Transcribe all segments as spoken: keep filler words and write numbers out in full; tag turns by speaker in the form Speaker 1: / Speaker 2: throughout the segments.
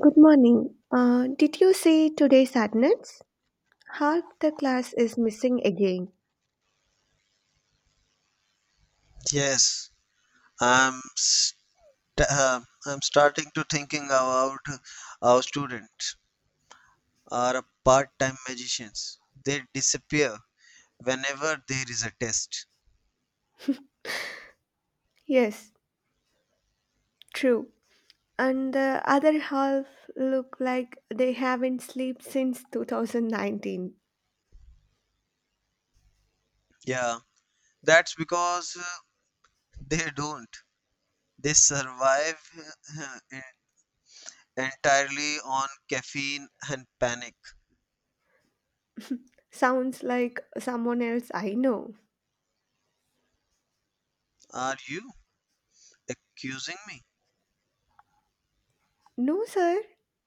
Speaker 1: Good morning. Uh, did you see today's sadness? Half the class is missing again.
Speaker 2: Yes, I'm st- uh, I'm starting to thinking about our students are part-time magicians. They disappear whenever there is a test.
Speaker 1: Yes, true. And the other half look like they haven't slept since two thousand nineteen.
Speaker 2: Yeah, that's because uh, they don't. They survive uh, en- entirely on caffeine and panic.
Speaker 1: Sounds like someone else I know.
Speaker 2: Are you accusing me?
Speaker 1: No, sir.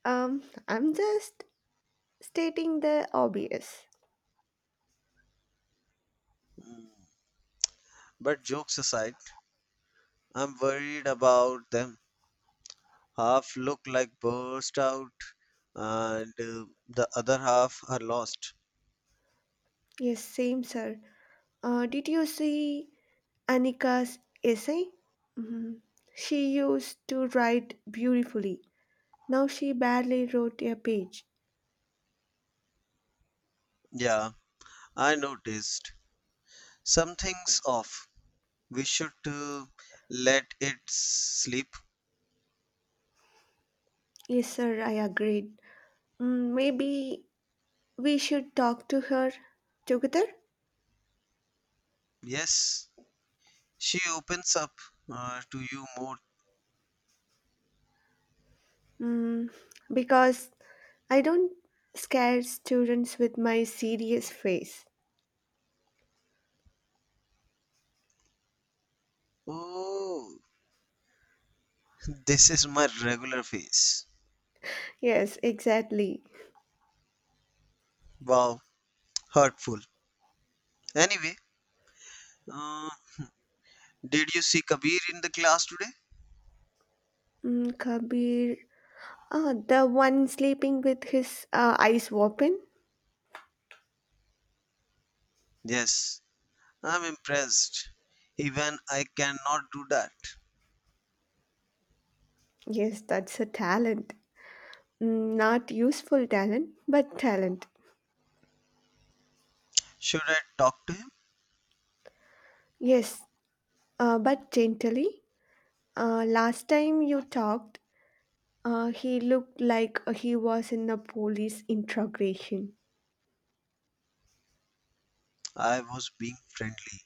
Speaker 1: Um, I'm just stating the obvious.
Speaker 2: But jokes aside, I'm worried about them. Half look like burst out and uh, the other half are lost.
Speaker 1: Yes, same, sir. Uh, did you see Anika's essay? Mhm. She used to write beautifully. Now she barely wrote a page.
Speaker 2: Yeah, I noticed. Something's off. We should uh, let it sleep.
Speaker 1: Yes, sir, I agreed. Mm, maybe we should talk to her together?
Speaker 2: Yes, she opens up uh, to you more.
Speaker 1: Mm, because I don't scare students with my serious face.
Speaker 2: Oh, this is my regular face.
Speaker 1: Yes, exactly.
Speaker 2: Wow, hurtful. Anyway, uh, did you see Kabir in the class today?
Speaker 1: Mm, Kabir, ah, the one sleeping with his uh, eyes open?
Speaker 2: Yes, I'm impressed. Even I cannot do that.
Speaker 1: Yes, that's a talent. Mm, not useful talent, but talent.
Speaker 2: Should I talk to him?
Speaker 1: Yes, uh, but gently. Uh, last time you talked, Uh, he looked like uh, he was in a police interrogation.
Speaker 2: I was being friendly.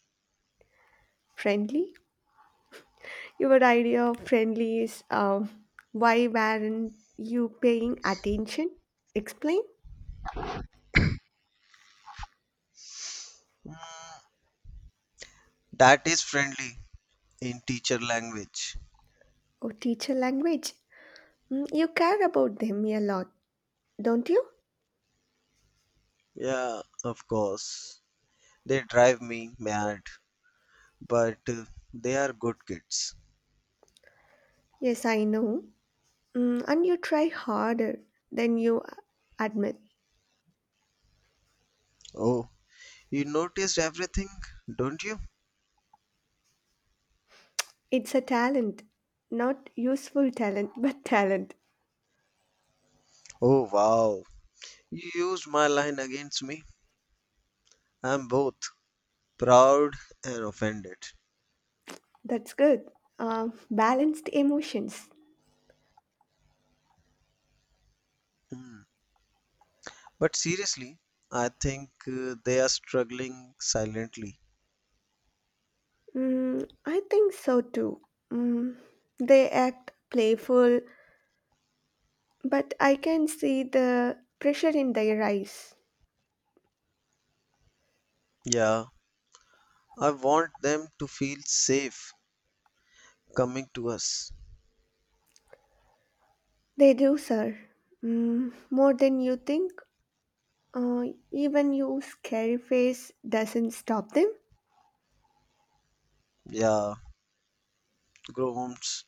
Speaker 1: Friendly? Your idea of friendly is uh, why weren't you paying attention? Explain.
Speaker 2: "Mm, that is friendly in teacher language.
Speaker 1: Or teacher language. Mm, you care about them a lot, don't you?
Speaker 2: Yeah, of course. They drive me mad, but uh, they are good kids.
Speaker 1: Yes, I know. Mm, and you try harder than you uh, admit.
Speaker 2: Oh, you noticed everything, don't you?
Speaker 1: It's a talent. Not useful talent, but talent.
Speaker 2: Oh, wow. You used my line against me. I'm both proud and offended.
Speaker 1: That's good. Uh, balanced emotions.
Speaker 2: Hmm. But seriously, I think uh, they are struggling silently.
Speaker 1: Mm, I think so too. Mm, they act playful, but I can see the pressure in their eyes.
Speaker 2: Yeah, I want them to feel safe coming to us.
Speaker 1: They do, sir. Mm, more than you think. Uh, Even your scary face doesn't stop them
Speaker 2: Yeah, Groms,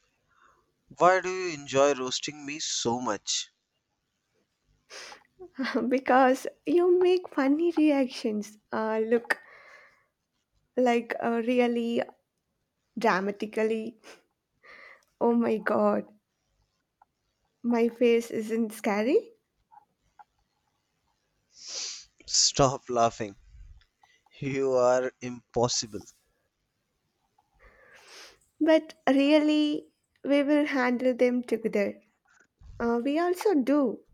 Speaker 2: why do you enjoy roasting me so much?
Speaker 1: because you make funny reactions. Uh, look, like uh, really dramatically. Oh my god, my face isn't scary,
Speaker 2: Stop laughing. You are impossible.
Speaker 1: but really, we will handle them together. Uh, we also do.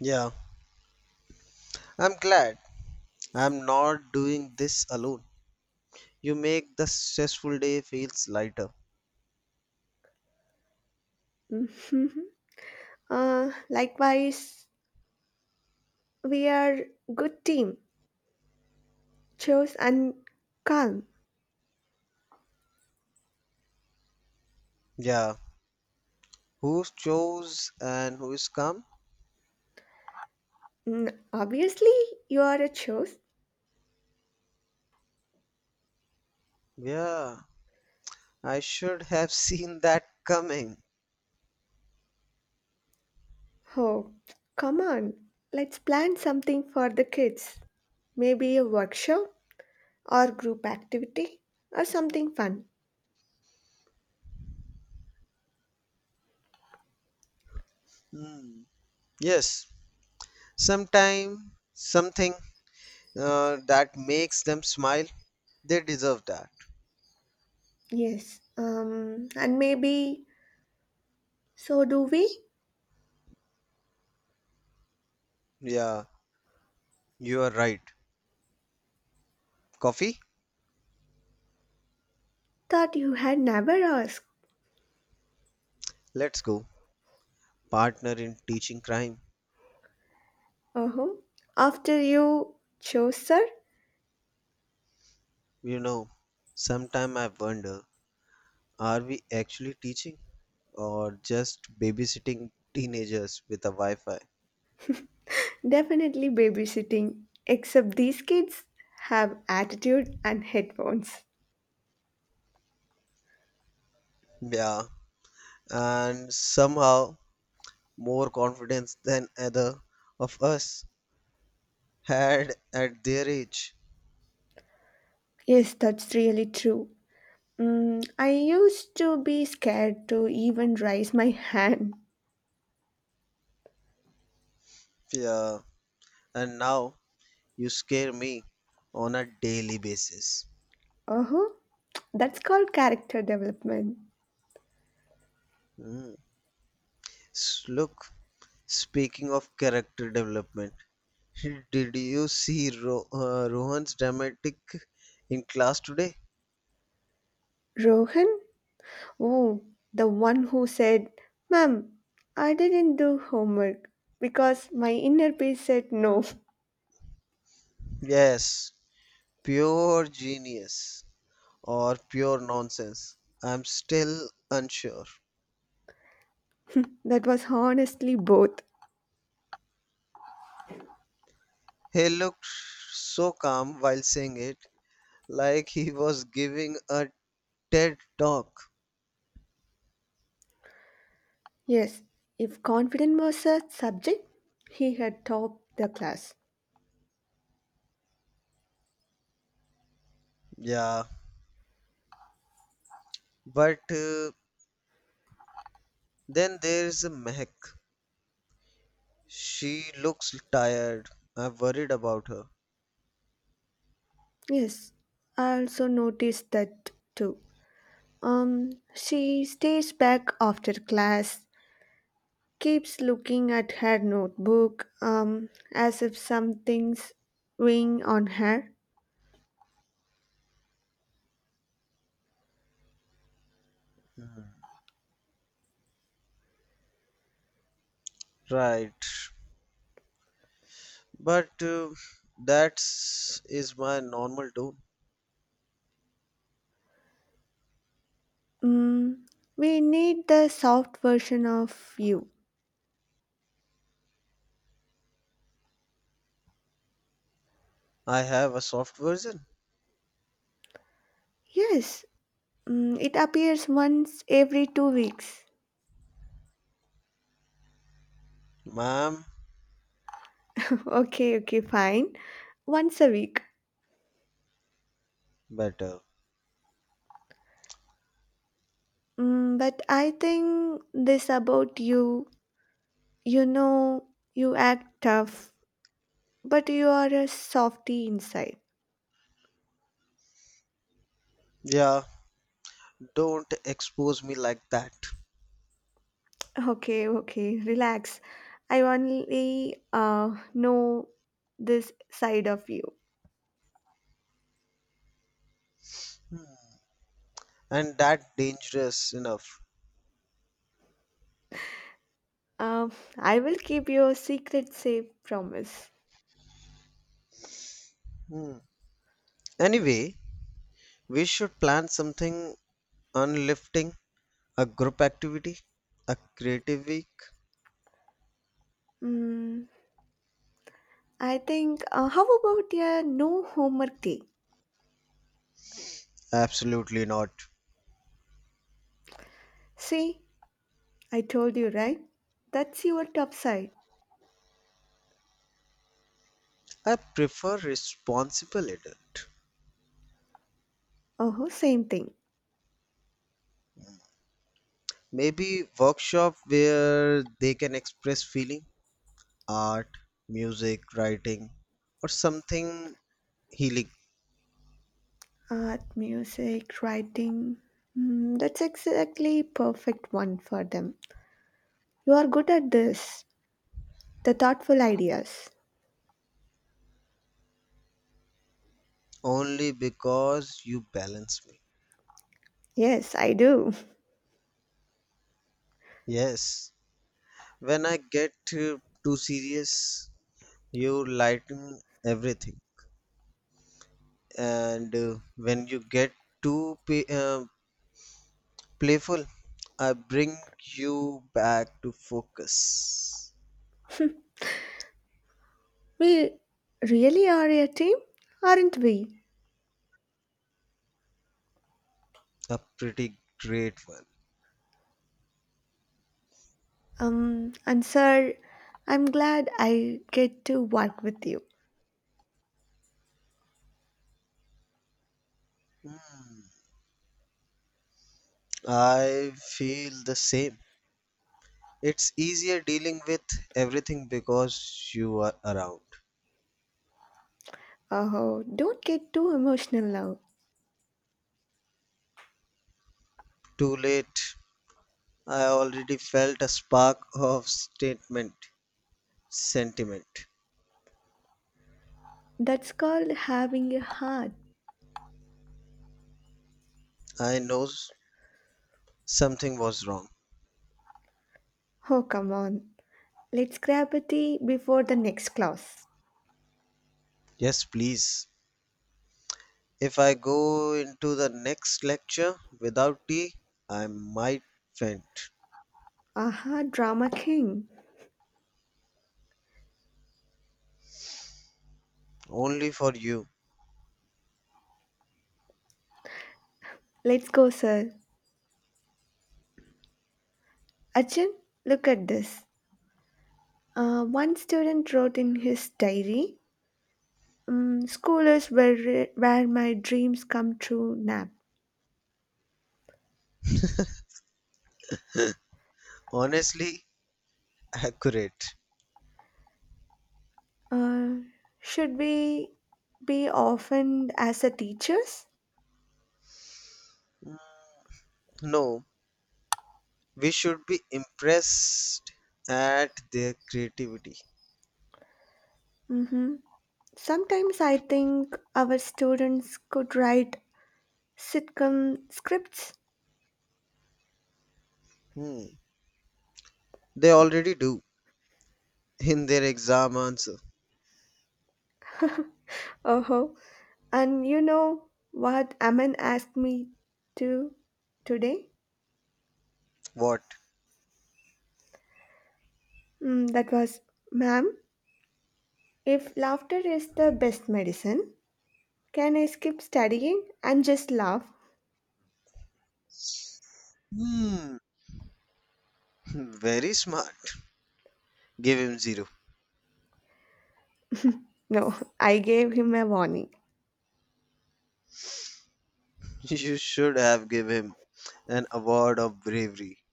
Speaker 2: Yeah, I'm glad I'm not doing this alone. You make the stressful day feels lighter.
Speaker 1: Mhm. Uh, likewise, we are good team, chose and calm.
Speaker 2: Yeah, who chose and who is come?
Speaker 1: Mm, obviously, you are a chose.
Speaker 2: Yeah, I should have seen that coming.
Speaker 1: Oh, come on. Let's plan something for the kids. Maybe a workshop or group activity or something fun.
Speaker 2: Hmm. Yes, sometime something uh, that makes them smile, they deserve that.
Speaker 1: Yes. Um, and maybe so do we?
Speaker 2: Yeah, you are right. Coffee?
Speaker 1: Thought you had never asked.
Speaker 2: Let's go. Partner in teaching crime.
Speaker 1: Oh, after you chose, sir.
Speaker 2: You know, sometime I wonder, are we actually teaching or just babysitting teenagers with a Wi-Fi?
Speaker 1: Definitely babysitting, except these kids have attitude and headphones.
Speaker 2: Yeah, and somehow more confidence than either of us had at their age.
Speaker 1: Yes, that's really true. Mm, I used to be scared to even raise my hand.
Speaker 2: Yeah, and now you scare me on a daily basis.
Speaker 1: Uh-huh. That's called character development.
Speaker 2: Mm. S- Look, speaking of character development. Did you see Ro- uh, Rohan's dramatic in class today?
Speaker 1: Rohan? Oh, the one who said, ma'am, I didn't do homework because my inner peace said no.
Speaker 2: Yes, pure genius or pure nonsense. I'm still unsure.
Speaker 1: That was honestly both.
Speaker 2: He looked so calm while saying it, like he was giving a TED talk.
Speaker 1: Yes, if confidence was a subject, he had topped the class.
Speaker 2: Yeah, but uh, then there's Mehak. She looks tired. I'm worried about her.
Speaker 1: Yes, I also noticed that too. Um, she stays back after class, keeps looking at her notebook, um, as if something's weighing on her.
Speaker 2: Hmm. Right. But uh, that's my normal tone.
Speaker 1: Mm, we need the soft version of you.
Speaker 2: I have a soft version.
Speaker 1: Yes, mm, it appears once every two weeks.
Speaker 2: Ma'am,
Speaker 1: Okay, okay, fine. Once a week.
Speaker 2: better.
Speaker 1: Mm, but I think this about you. You know, you act tough, but you are a softy inside.
Speaker 2: Yeah, don't expose me like that.
Speaker 1: Okay, okay, relax. I only uh, know this side of you.
Speaker 2: Hmm. And that dangerous enough.
Speaker 1: Um, I will keep your secret safe, promise.
Speaker 2: Hmm. Anyway, we should plan something unlifting, a group activity, a creative week.
Speaker 1: Mm, I think, uh, how about your no homework day?
Speaker 2: Absolutely not.
Speaker 1: See, I told you, right? That's your top side.
Speaker 2: I prefer responsible adult.
Speaker 1: Oh, same thing.
Speaker 2: Maybe workshop where they can express feeling. Art, music, writing, or something healing
Speaker 1: Art, music, writing. Hmm, that's exactly perfect one for them. You are good at this. The thoughtful ideas.
Speaker 2: only because you balance me.
Speaker 1: Yes, I do.
Speaker 2: Yes, when I get uh, too serious, you lighten everything, and uh, when you get too pa- uh, playful, I bring you back to focus.
Speaker 1: We really are a team, aren't we?
Speaker 2: A pretty great one.
Speaker 1: Um, and sir, I'm glad I get to work with you.
Speaker 2: Hmm, I feel the same. It's easier dealing with everything because you are around.
Speaker 1: Oh, don't get too emotional now.
Speaker 2: Too late. I already felt a spark of statement, sentiment.
Speaker 1: That's called having a heart.
Speaker 2: I know s- something was wrong.
Speaker 1: Oh, come on. Let's grab a tea before the next class.
Speaker 2: Yes, please. If I go into the next lecture without tea, I might faint.
Speaker 1: Aha, drama king.
Speaker 2: Only for you.
Speaker 1: Let's go, sir. Achin, look at this. Uh, one student wrote in his diary, um, school is where, where my dreams come true now.
Speaker 2: Honestly, accurate.
Speaker 1: Uh, should we be often as a teachers?
Speaker 2: No, we should be impressed at their creativity.
Speaker 1: Hmm. Sometimes I think our students could write sitcom scripts.
Speaker 2: Hmm. They already do. In their exam answer.
Speaker 1: Oh, and you know what Aman asked me to today?
Speaker 2: What?
Speaker 1: Mm, that was, ma'am, if laughter is the best medicine, can I skip studying and just laugh?
Speaker 2: Hmm, very smart. Give him zero.
Speaker 1: No, I gave him a warning.
Speaker 2: You should have give him an award of bravery.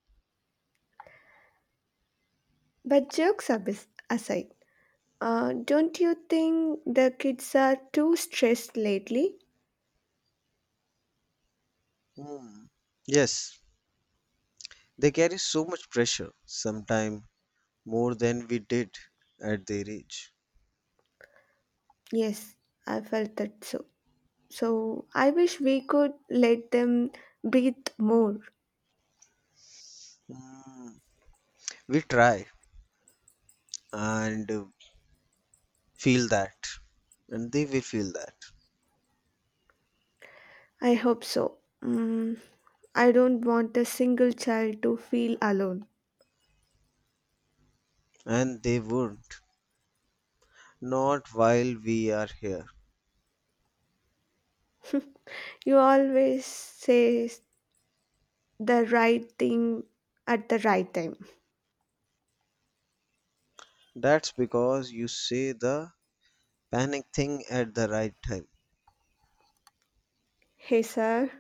Speaker 1: But jokes abis- aside, uh, don't you think the kids are too stressed lately?
Speaker 2: Hmm. Yes, they carry so much pressure, sometimes more than we did at their age.
Speaker 1: Yes, I felt that so. So I wish we could let them breathe more.
Speaker 2: Hmm. We try and uh, feel that, and they will feel that,
Speaker 1: I hope so. Mm, I don't want a single child to feel alone.
Speaker 2: and they won't. Not while we are here.
Speaker 1: You always say the right thing at the right time.
Speaker 2: That's because you say the panic thing at the right time
Speaker 1: Hey, sir,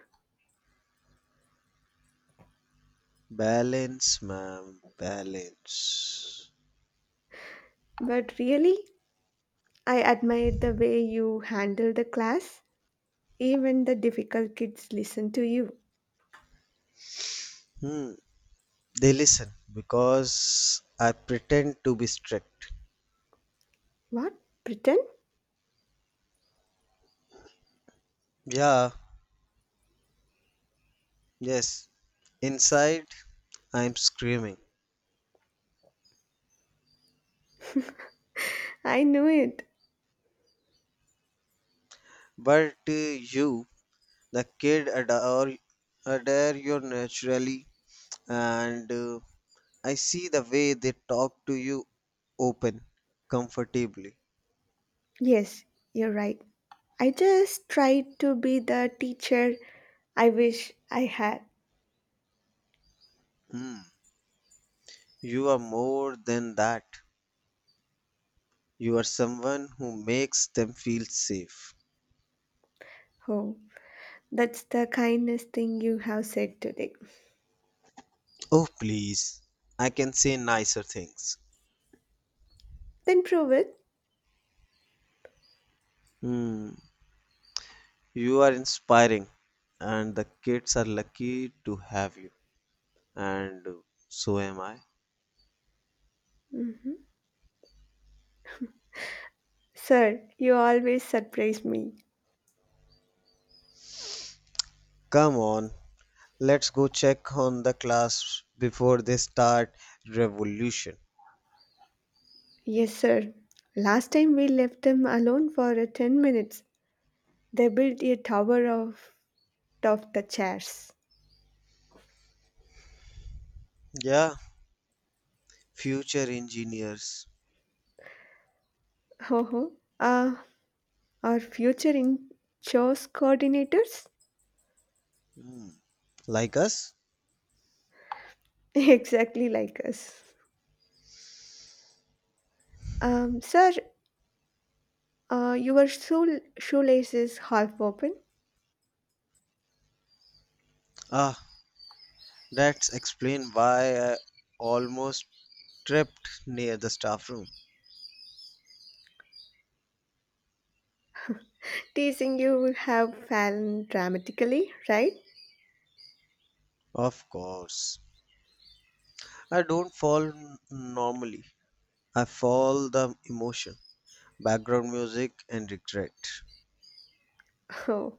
Speaker 2: Balance, ma'am, balance.
Speaker 1: but really? I admired the way you handled the class. Even the difficult kids listen to you.
Speaker 2: Hmm, they listen because I pretend to be strict.
Speaker 1: What? Pretend?
Speaker 2: Yeah, yes. Inside, I'm screaming.
Speaker 1: I knew it.
Speaker 2: But uh, you, the kid, adore, adore you naturally, and uh, I see the way they talk to you open, comfortably.
Speaker 1: Yes, you're right. I just tried to be the teacher I wish I had.
Speaker 2: Hmm, you are more than that. You are someone who makes them feel safe.
Speaker 1: Oh, that's the kindest thing you have said today.
Speaker 2: Oh, please. I can say nicer things.
Speaker 1: Then prove it.
Speaker 2: Hmm. You are inspiring, and the kids are lucky to have you. And so am I.
Speaker 1: Mhm. Sir, you always surprise me.
Speaker 2: Come on, let's go check on the class before they start revolution.
Speaker 1: Yes, sir. Last time we left them alone for uh, ten minutes. They built a tower of, of the chairs.
Speaker 2: Yeah, future engineers.
Speaker 1: Ho ho. uh, our future in chores coordinators?
Speaker 2: Hmm. Like us?
Speaker 1: Exactly like us. Um, sir, uh, your shoe- shoelace is half open.
Speaker 2: Ah, that's explain why I almost tripped near the staff room.
Speaker 1: Teasing you have fallen dramatically, right?
Speaker 2: Of course. I don't fall n- normally. I fall the emotion, background music, and regret.
Speaker 1: Oh,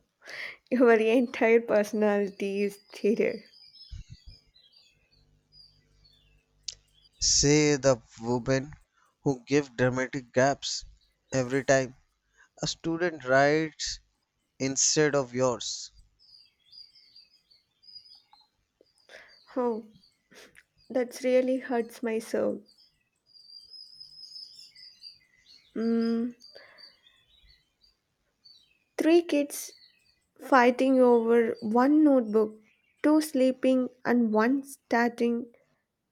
Speaker 1: your entire personality is theater.
Speaker 2: Say the women who give dramatic gaps every time a student writes instead of yours.
Speaker 1: Oh, that really hurts my soul. Mm, three kids fighting over one notebook, two sleeping, and one starting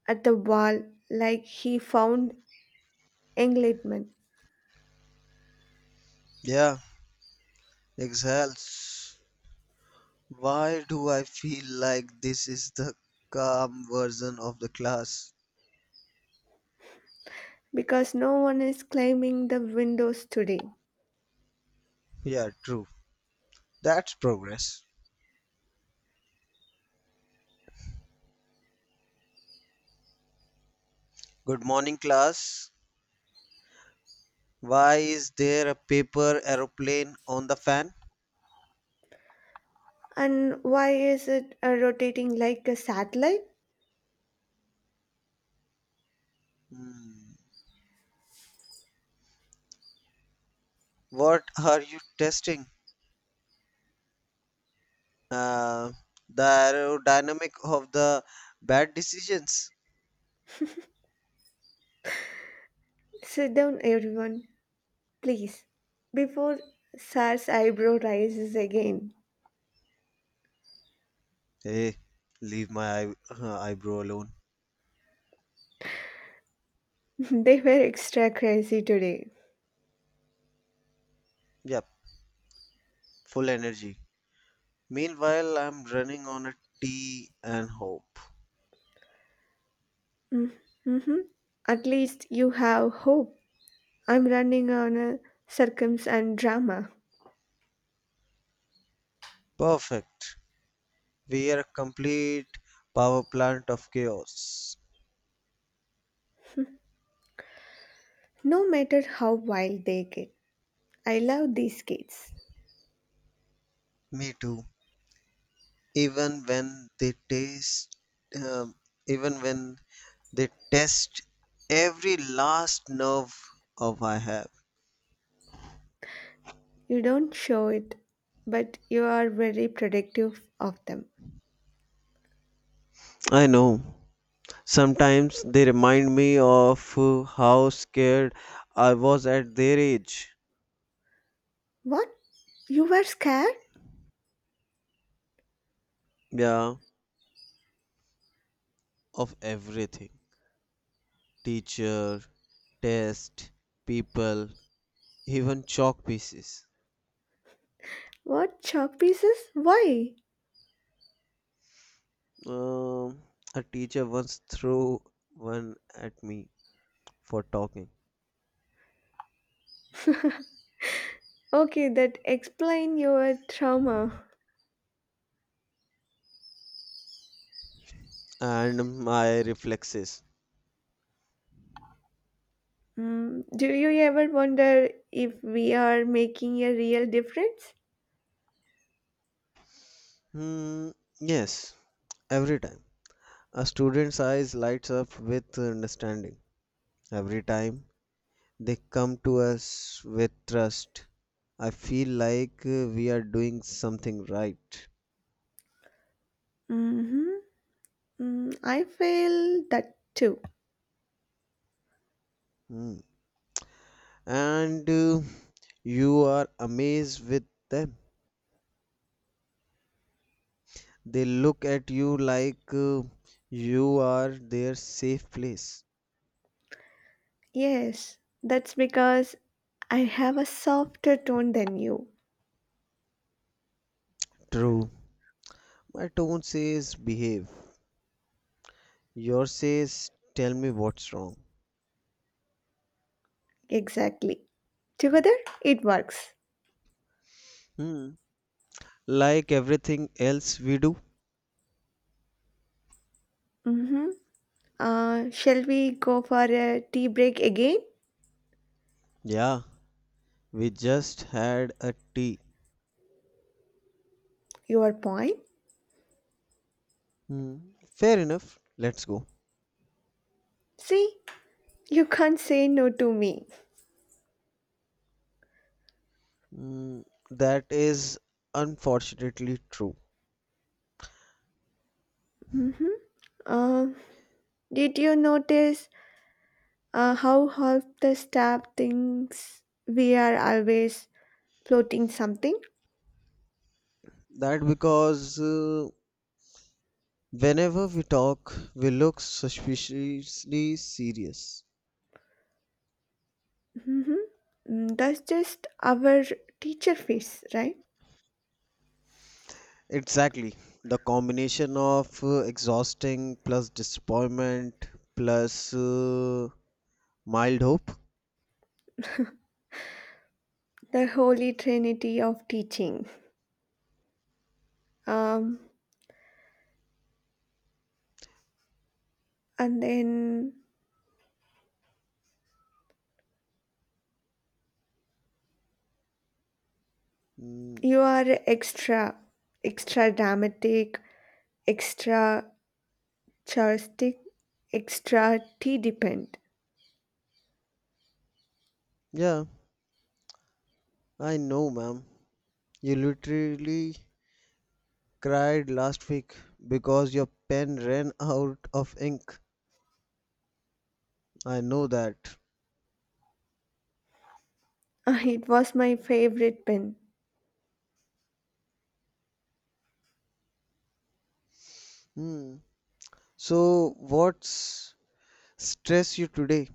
Speaker 1: at the wall like he found enlightenment
Speaker 2: Yeah, exhales. Why do I feel like this is the calm version of the class?
Speaker 1: because no one is climbing the windows today.
Speaker 2: Yeah, true. That's progress. Good morning, class. Why is there a paper aeroplane on the fan?
Speaker 1: And why is it uh, rotating like a satellite?
Speaker 2: Hmm. What are you testing? Uh, the aerodynamic of the bad decisions.
Speaker 1: Sit down, everyone, please. Before Sar's eyebrow rises again,
Speaker 2: Hey, leave my eye, uh, eyebrow alone.
Speaker 1: they were extra crazy today.
Speaker 2: Yep, full energy. Meanwhile, I'm running on a tea and hope.
Speaker 1: Mm, mm-hmm. At least you have hope. I'm running on a circums and drama.
Speaker 2: Perfect. We are a complete power plant of chaos.
Speaker 1: No matter how wild they get, I love these kids.
Speaker 2: Me too. Even when they taste, um, even when they test every last nerve of I have.
Speaker 1: You don't show it, but you are very protective of them.
Speaker 2: I know. Sometimes they remind me of uh, how scared I was at their age.
Speaker 1: What? You were scared?
Speaker 2: Yeah, of everything teacher, test, people, even chalk pieces.
Speaker 1: What chalk pieces? Why?
Speaker 2: Um, a teacher once threw one at me for talking,
Speaker 1: Okay, that explain your trauma.
Speaker 2: and my reflexes.
Speaker 1: Mm, do you ever wonder if we are making a real difference?
Speaker 2: Hmm, yes, every time. A student's eyes lights up with understanding. Every time they come to us with trust. I feel like uh, we are doing something right.
Speaker 1: Mm-hmm. Mm, I feel that too.
Speaker 2: Mm. And uh, you are amazed with them. They look at you like uh, you are their safe place.
Speaker 1: Yes, that's because I have a softer tone than you.
Speaker 2: True. My tone says behave. Yours says tell me what's wrong.
Speaker 1: Exactly. Together, it works.
Speaker 2: Hmm. Like everything else we do.
Speaker 1: Mm-hmm. Uh, shall we go for a tea break again?
Speaker 2: Yeah, we just had a tea.
Speaker 1: Your point?
Speaker 2: Hmm. Fair enough. Let's go.
Speaker 1: See, you can't say no to me.
Speaker 2: Mm, that is unfortunately true.
Speaker 1: Mm-hmm. Uh, did you notice uh, how half the staff thinks we are always floating something?
Speaker 2: That because uh, whenever we talk, we look suspiciously serious.
Speaker 1: Mm-hmm. Mm, that's just our teacher face, right?
Speaker 2: Exactly. The combination of uh, exhausting plus disappointment plus uh, mild hope.
Speaker 1: The holy trinity of teaching. Um, and then
Speaker 2: Mm,
Speaker 1: you are extra, extra dramatic, extra Charlestic extra Tea Depend.
Speaker 2: yeah, I know, ma'am. You literally cried last week because your pen ran out of ink. I know that.
Speaker 1: Ah, it was my favorite pen.
Speaker 2: Hmm. So, what's stress you today?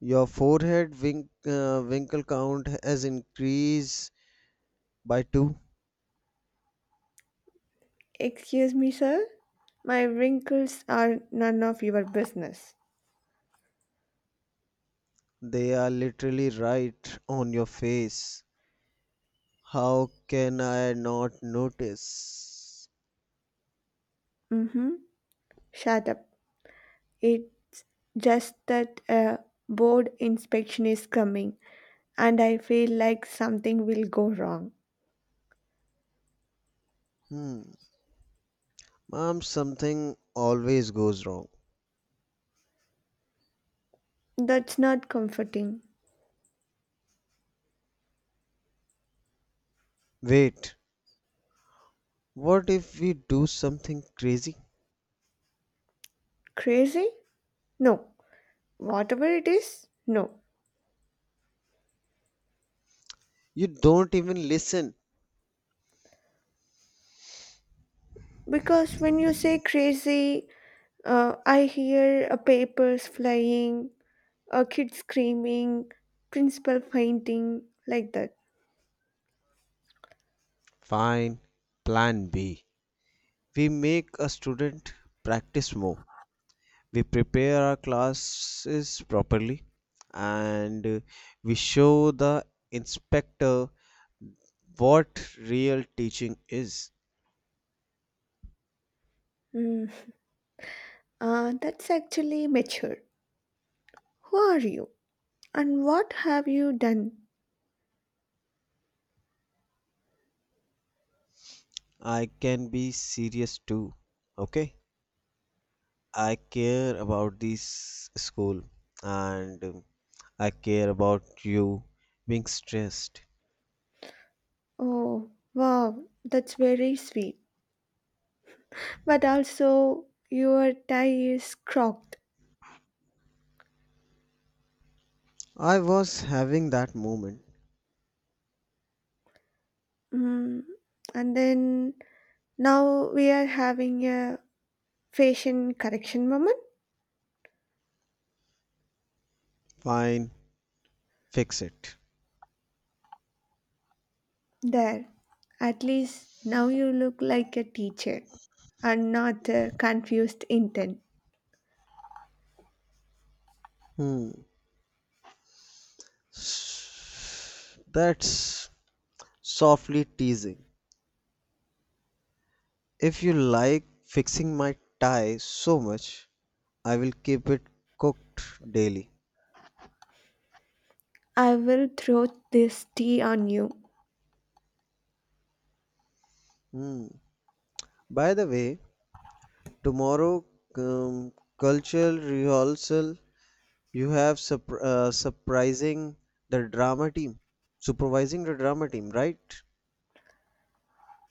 Speaker 2: Your forehead wink, uh, winkle count has increased by two.
Speaker 1: Excuse me, sir. My wrinkles are none of your business.
Speaker 2: They are literally right on your face. How can I not notice?
Speaker 1: Mm-hmm. Shut up. It's just that a board inspection is coming, and I feel like something will go wrong.
Speaker 2: Hmm, mom, something always goes wrong.
Speaker 1: That's not comforting.
Speaker 2: Wait, what if we do something crazy?
Speaker 1: Crazy? No. Whatever it is, no.
Speaker 2: You don't even listen.
Speaker 1: Because when you say crazy, uh, I hear uh, papers flying, uh, kids screaming, principal fainting, like that.
Speaker 2: Fine, plan B. We make a student practice more we prepare our classes properly and uh, we show the inspector what real teaching is.
Speaker 1: Mm. Uh, that's actually mature. Who are you? And what have you done?
Speaker 2: I can be serious too, okay? I care about this school and um, I care about you being stressed.
Speaker 1: Oh, wow, that's very sweet. But also, your tie is crocked.
Speaker 2: I was having that moment.
Speaker 1: Mm. And then now we are having a fashion correction moment.
Speaker 2: Fine, fix it.
Speaker 1: There, at least now you look like a teacher and not a confused intern.
Speaker 2: Hmm. That's softly teasing. If you like fixing my tie so much, I will keep it cooked daily.
Speaker 1: I will throw this tea on you.
Speaker 2: Hmm. By the way, tomorrow um, cultural rehearsal, you have surp- uh, surprising the drama team, supervising the drama team, right?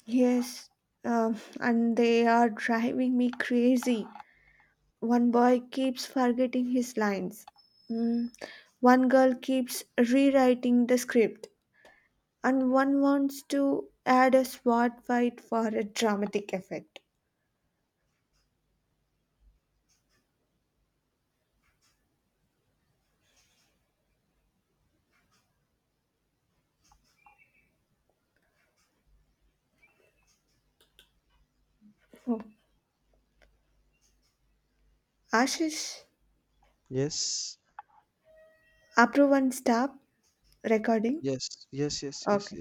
Speaker 1: Yes, um, and they are driving me crazy. One boy keeps forgetting his lines. Mm, one girl keeps rewriting the script, and one wants to add a sword fight for a dramatic effect. Oh. Ashish,
Speaker 2: Yes,
Speaker 1: approve and stop recording.
Speaker 2: yes, yes, yes, yes, yes.
Speaker 1: Okay.